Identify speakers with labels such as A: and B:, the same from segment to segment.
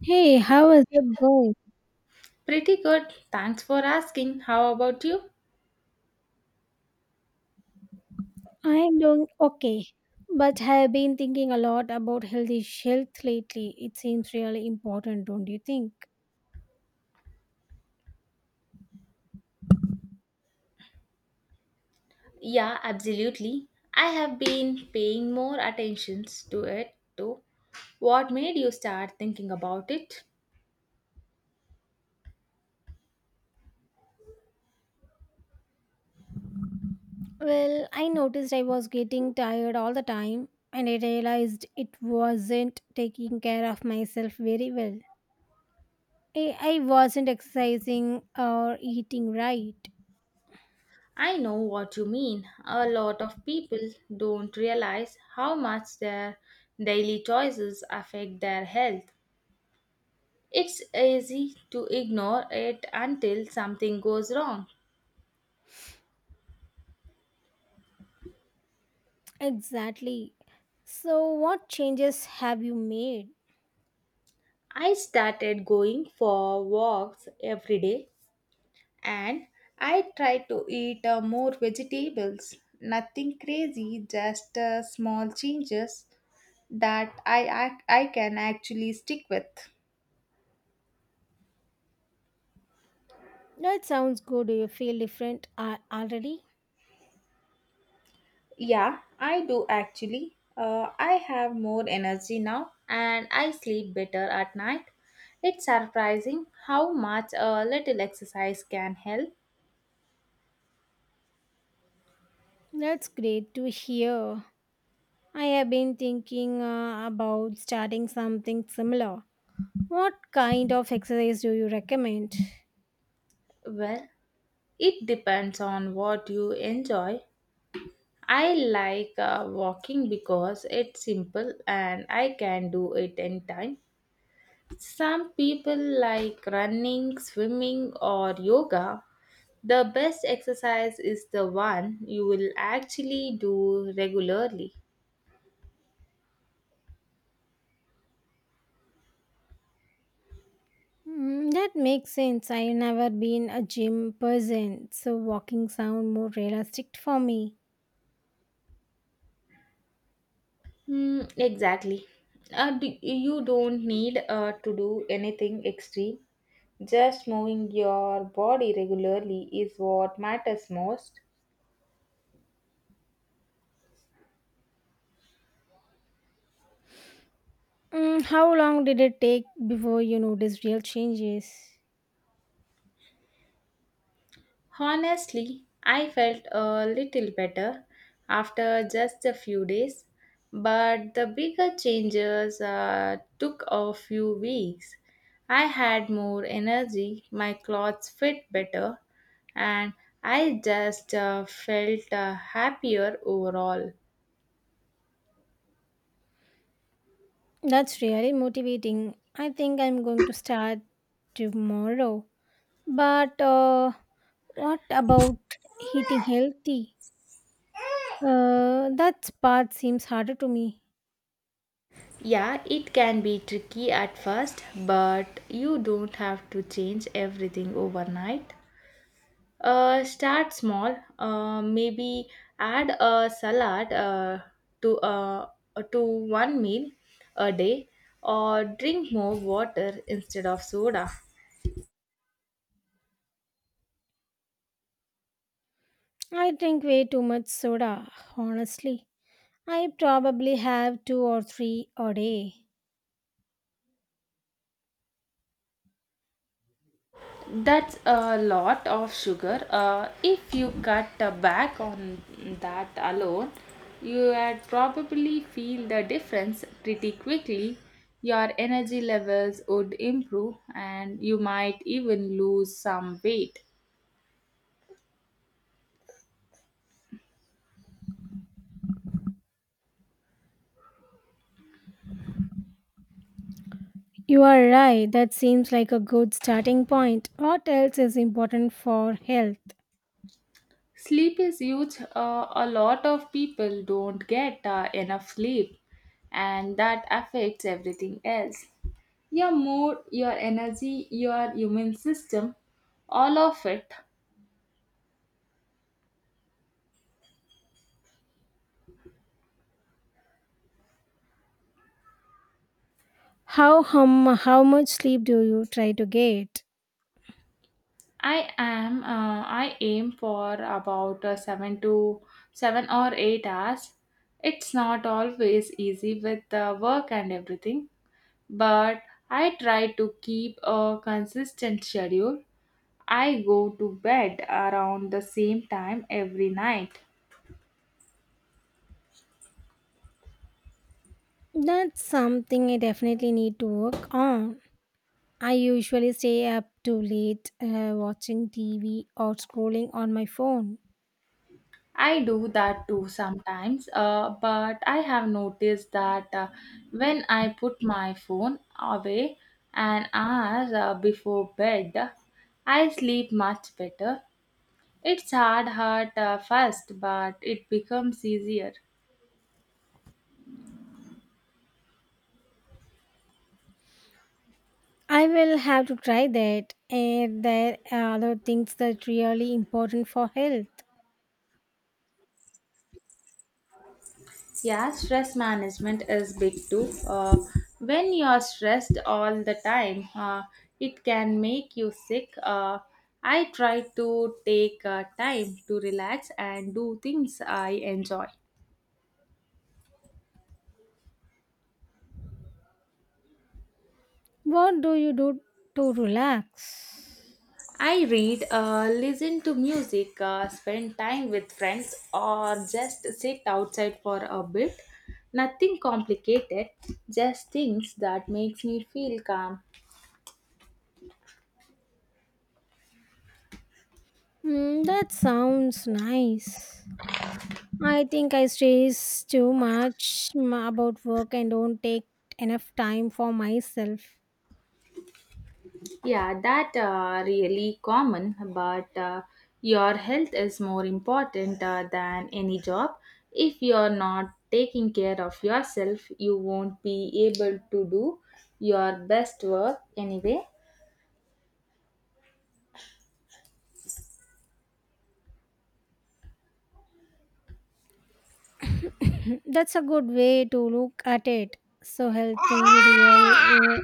A: Hey, how is it going?
B: Pretty good. Thanks for asking. How about you?
A: I'm doing okay, but have been thinking a lot about healthy health lately. It seems really important, don't you think?
B: Yeah, absolutely. I have been paying more attentions to it too. What made you start thinking about it?
A: Well, I noticed I was getting tired all the time, and I realized it wasn't taking care of myself very well. I wasn't exercising or eating right.
B: I know what you mean. A lot of people don't realize how much their daily choices affect their health. It's easy to ignore it until something goes wrong.
A: Exactly. So, what changes have you made?
B: I started going for walks every day and I try to eat more vegetables. Nothing crazy, just small changes that I can actually stick with.
A: That sounds good. Do you feel different already?
B: Yeah, I do actually. I have more energy now and I sleep better at night. It's surprising how much a little exercise can help.
A: That's great to hear. I have been thinking about starting something similar. What kind of exercise do you recommend?
B: Well, it depends on what you enjoy. I like walking because it's simple and I can do it anytime. Some people like running, swimming, or yoga. The best exercise is the one you will actually do regularly.
A: Mm, that makes sense. I've never been a gym person, so walking sound more realistic for me.
B: Exactly. You don't need to do anything extreme. Just moving your body regularly is what matters most.
A: Mm, how long did it take before you noticed real changes?
B: Honestly, I felt a little better after just a few days, but the bigger changes took a few weeks. I had more energy, my clothes fit better, and I just felt happier overall.
A: That's really motivating. I think I'm going to start tomorrow. But What about eating healthy? That part seems harder to me.
B: Yeah, it can be tricky at first, but you don't have to change everything overnight. Start small. Maybe add a salad to uh, to one meal a day, or drink more water instead of soda.
A: I drink way too much soda, honestly. I probably have two or three a day.
B: That's a lot of sugar. If you cut back on that alone, you would probably feel the difference pretty quickly. Your energy levels would improve, and you might even lose some weight.
A: You are right, that seems like a good starting point. What else is important for health?
B: Sleep is huge. A lot of people don't get enough sleep, and that affects everything else. Your mood, your energy, your human system, all of it.
A: How much sleep do you try to get?
B: I am. I aim for about 7 to 7 or 8 hours. It's not always easy with work and everything, but I try to keep a consistent schedule. I go to bed around the same time every night.
A: That's something I definitely need to work on. I usually stay up too late watching TV or scrolling on my phone.
B: I do that too sometimes, but I have noticed that when I put my phone away an hour before bed, I sleep much better. It's hard first, but it becomes easier.
A: I will have to try that. And there are other things that really important for health.
B: Yeah, stress management is big too. When you're stressed all the time, it can make you sick. I try to take time to relax and do things I enjoy.
A: What do you do to relax?
B: I read, listen to music, spend time with friends, or just sit outside for a bit. Nothing complicated, just things that makes me feel calm.
A: Mm, that sounds nice. I think I stress too much about work and don't take enough time for myself.
B: Yeah, that really common, but your health is more important than any job. If you're not taking care of yourself, you won't be able to do your best work anyway.
A: That's a good way to look at it. So healthy,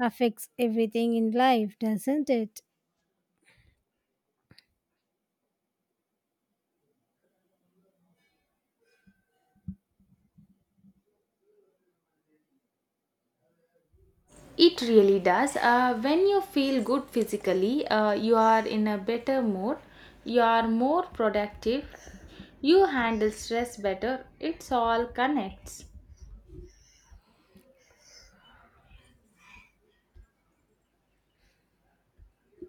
A: affects everything in life, doesn't it?
B: It really does. When you feel good physically, you are in a better mood, you are more productive, you handle stress better. It's all connects.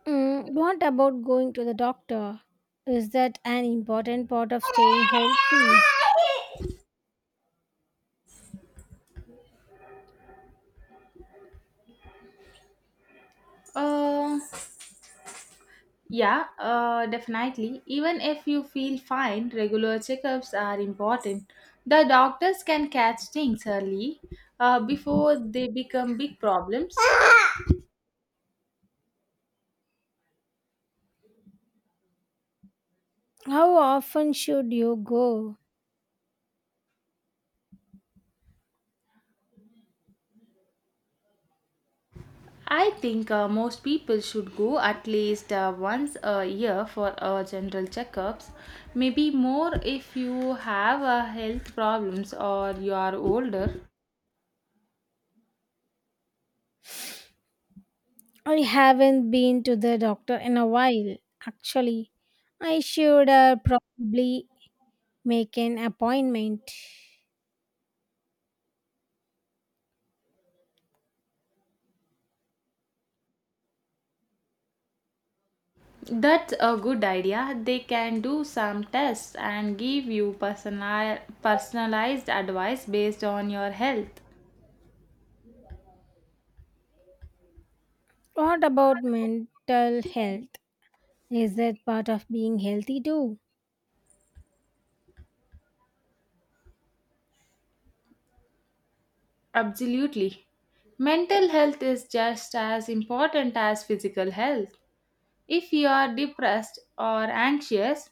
A: Mm, what about going to the doctor? Is that an important part of staying healthy?
B: Uh, Yeah, definitely. Even if you feel fine, regular checkups are important. The doctors can catch things early before they become big problems.
A: How often should you go?
B: I think most people should go at least once a year for general checkups. Maybe more if you have health problems or you are older.
A: I haven't been to the doctor in a while, actually. I should probably make an appointment.
B: That's a good idea. They can do some tests and give you personalized advice based on your health.
A: What about mental health? Is that part of being healthy too?
B: Absolutely. Mental health is just as important as physical health. If you are depressed or anxious,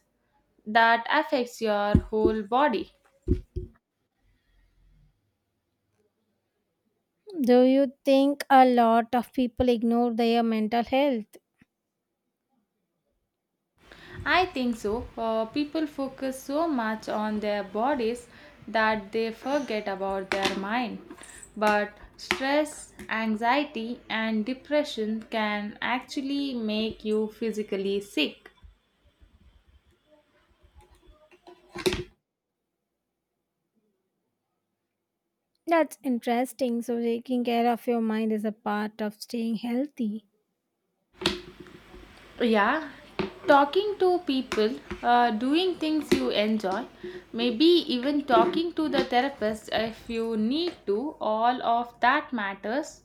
B: that affects your whole body.
A: Do you think a lot of people ignore their mental health?
B: I think so. People focus so much on their bodies that they forget about their mind. But stress, anxiety, and depression can actually make you physically sick.
A: That's interesting. So, taking care of your mind is a part of staying healthy.
B: Yeah, talking to people, doing things you enjoy, maybe even talking to the therapist if you need to, all of that matters.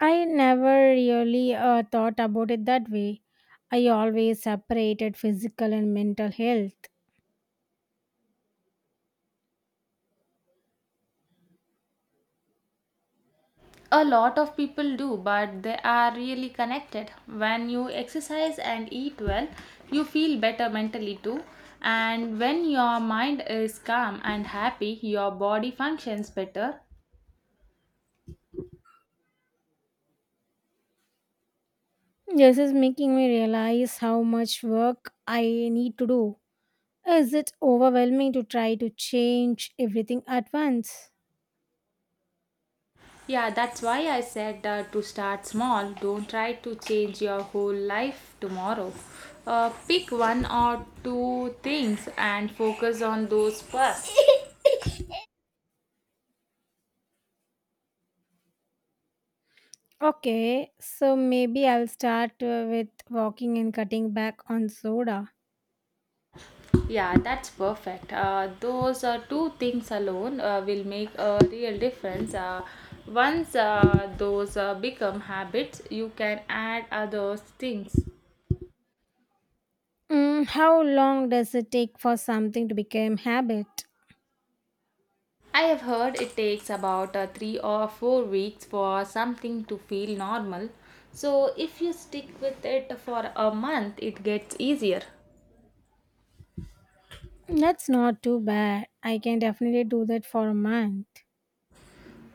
A: I never really thought about it that way. I always separated physical and mental health.
B: A lot of people do, but they are really connected. When you exercise and eat well, you feel better mentally too. And when your mind is calm and happy, your body functions better.
A: This is making me realize how much work I need to do. Is it overwhelming to try to change everything at once?
B: Yeah, that's why I said to start small. Don't try to change your whole life tomorrow. Pick one or two things and focus on those first.
A: Okay, so maybe I'll start with walking and cutting back on soda.
B: Yeah, that's perfect. Those two things alone will make a real difference. Once those become habits, you can add other things.
A: Mm, how long does it take for something to become habit?
B: I have heard it takes about 3 or 4 weeks for something to feel normal. So, if you stick with it for a month, it gets easier.
A: That's not too bad. I can definitely do that for a month.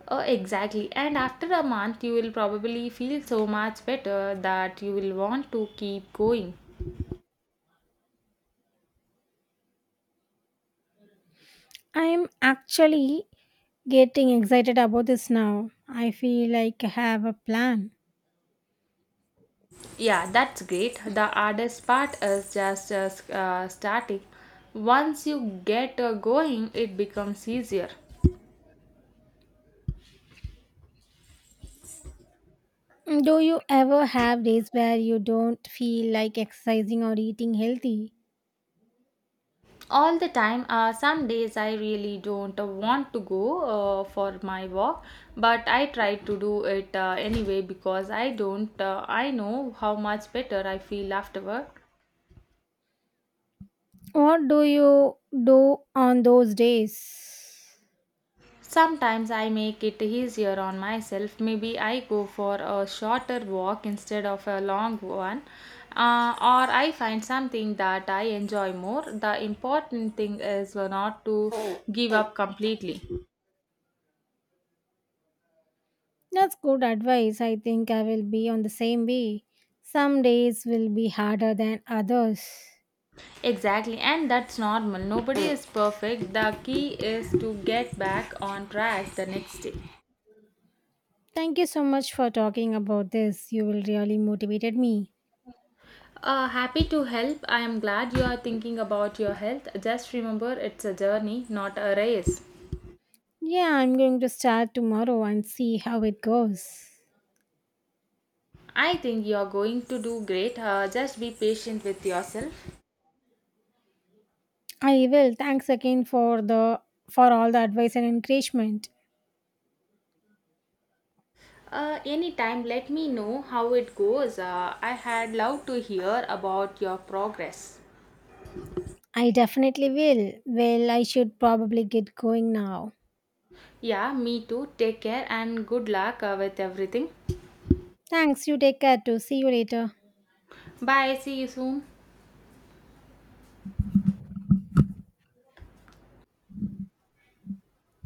B: Oh, exactly. And after a month, you will probably feel so much better that you will want to keep going.
A: I'm actually getting excited about this now. I feel like I have a plan.
B: Yeah, that's great. The hardest part is just starting. Once you get going, it becomes easier.
A: Do you ever have days where you don't feel like exercising or eating healthy?
B: All the time, some days I really don't want to go for my walk, but I try to do it anyway because I don't, I know how much better I feel afterward.
A: What do you do on those days?
B: Sometimes I make it easier on myself. Maybe I go for a shorter walk instead of a long one, or I find something that I enjoy more. The important thing is not to give up completely.
A: That's good advice. I think I will be on the same way. Some days will be harder than others.
B: Exactly, and that's normal. Nobody is perfect. The key is to get back on track the next day.
A: Thank you so much for talking about this. You will really motivated me.
B: Happy to help. I am glad you are thinking about your health. Just remember it's a journey, not a race.
A: Yeah, I'm going to start tomorrow and see how it goes.
B: I think you're going to do great. Just be patient with yourself.
A: I will. Thanks again for the for all the advice and encouragement.
B: Anytime, let me know how it goes. I had loved to hear about your progress.
A: I definitely will. Well, I should probably get going now.
B: Yeah, me too. Take care and good luck with everything.
A: Thanks. You take care too. See you later.
B: Bye. See you soon.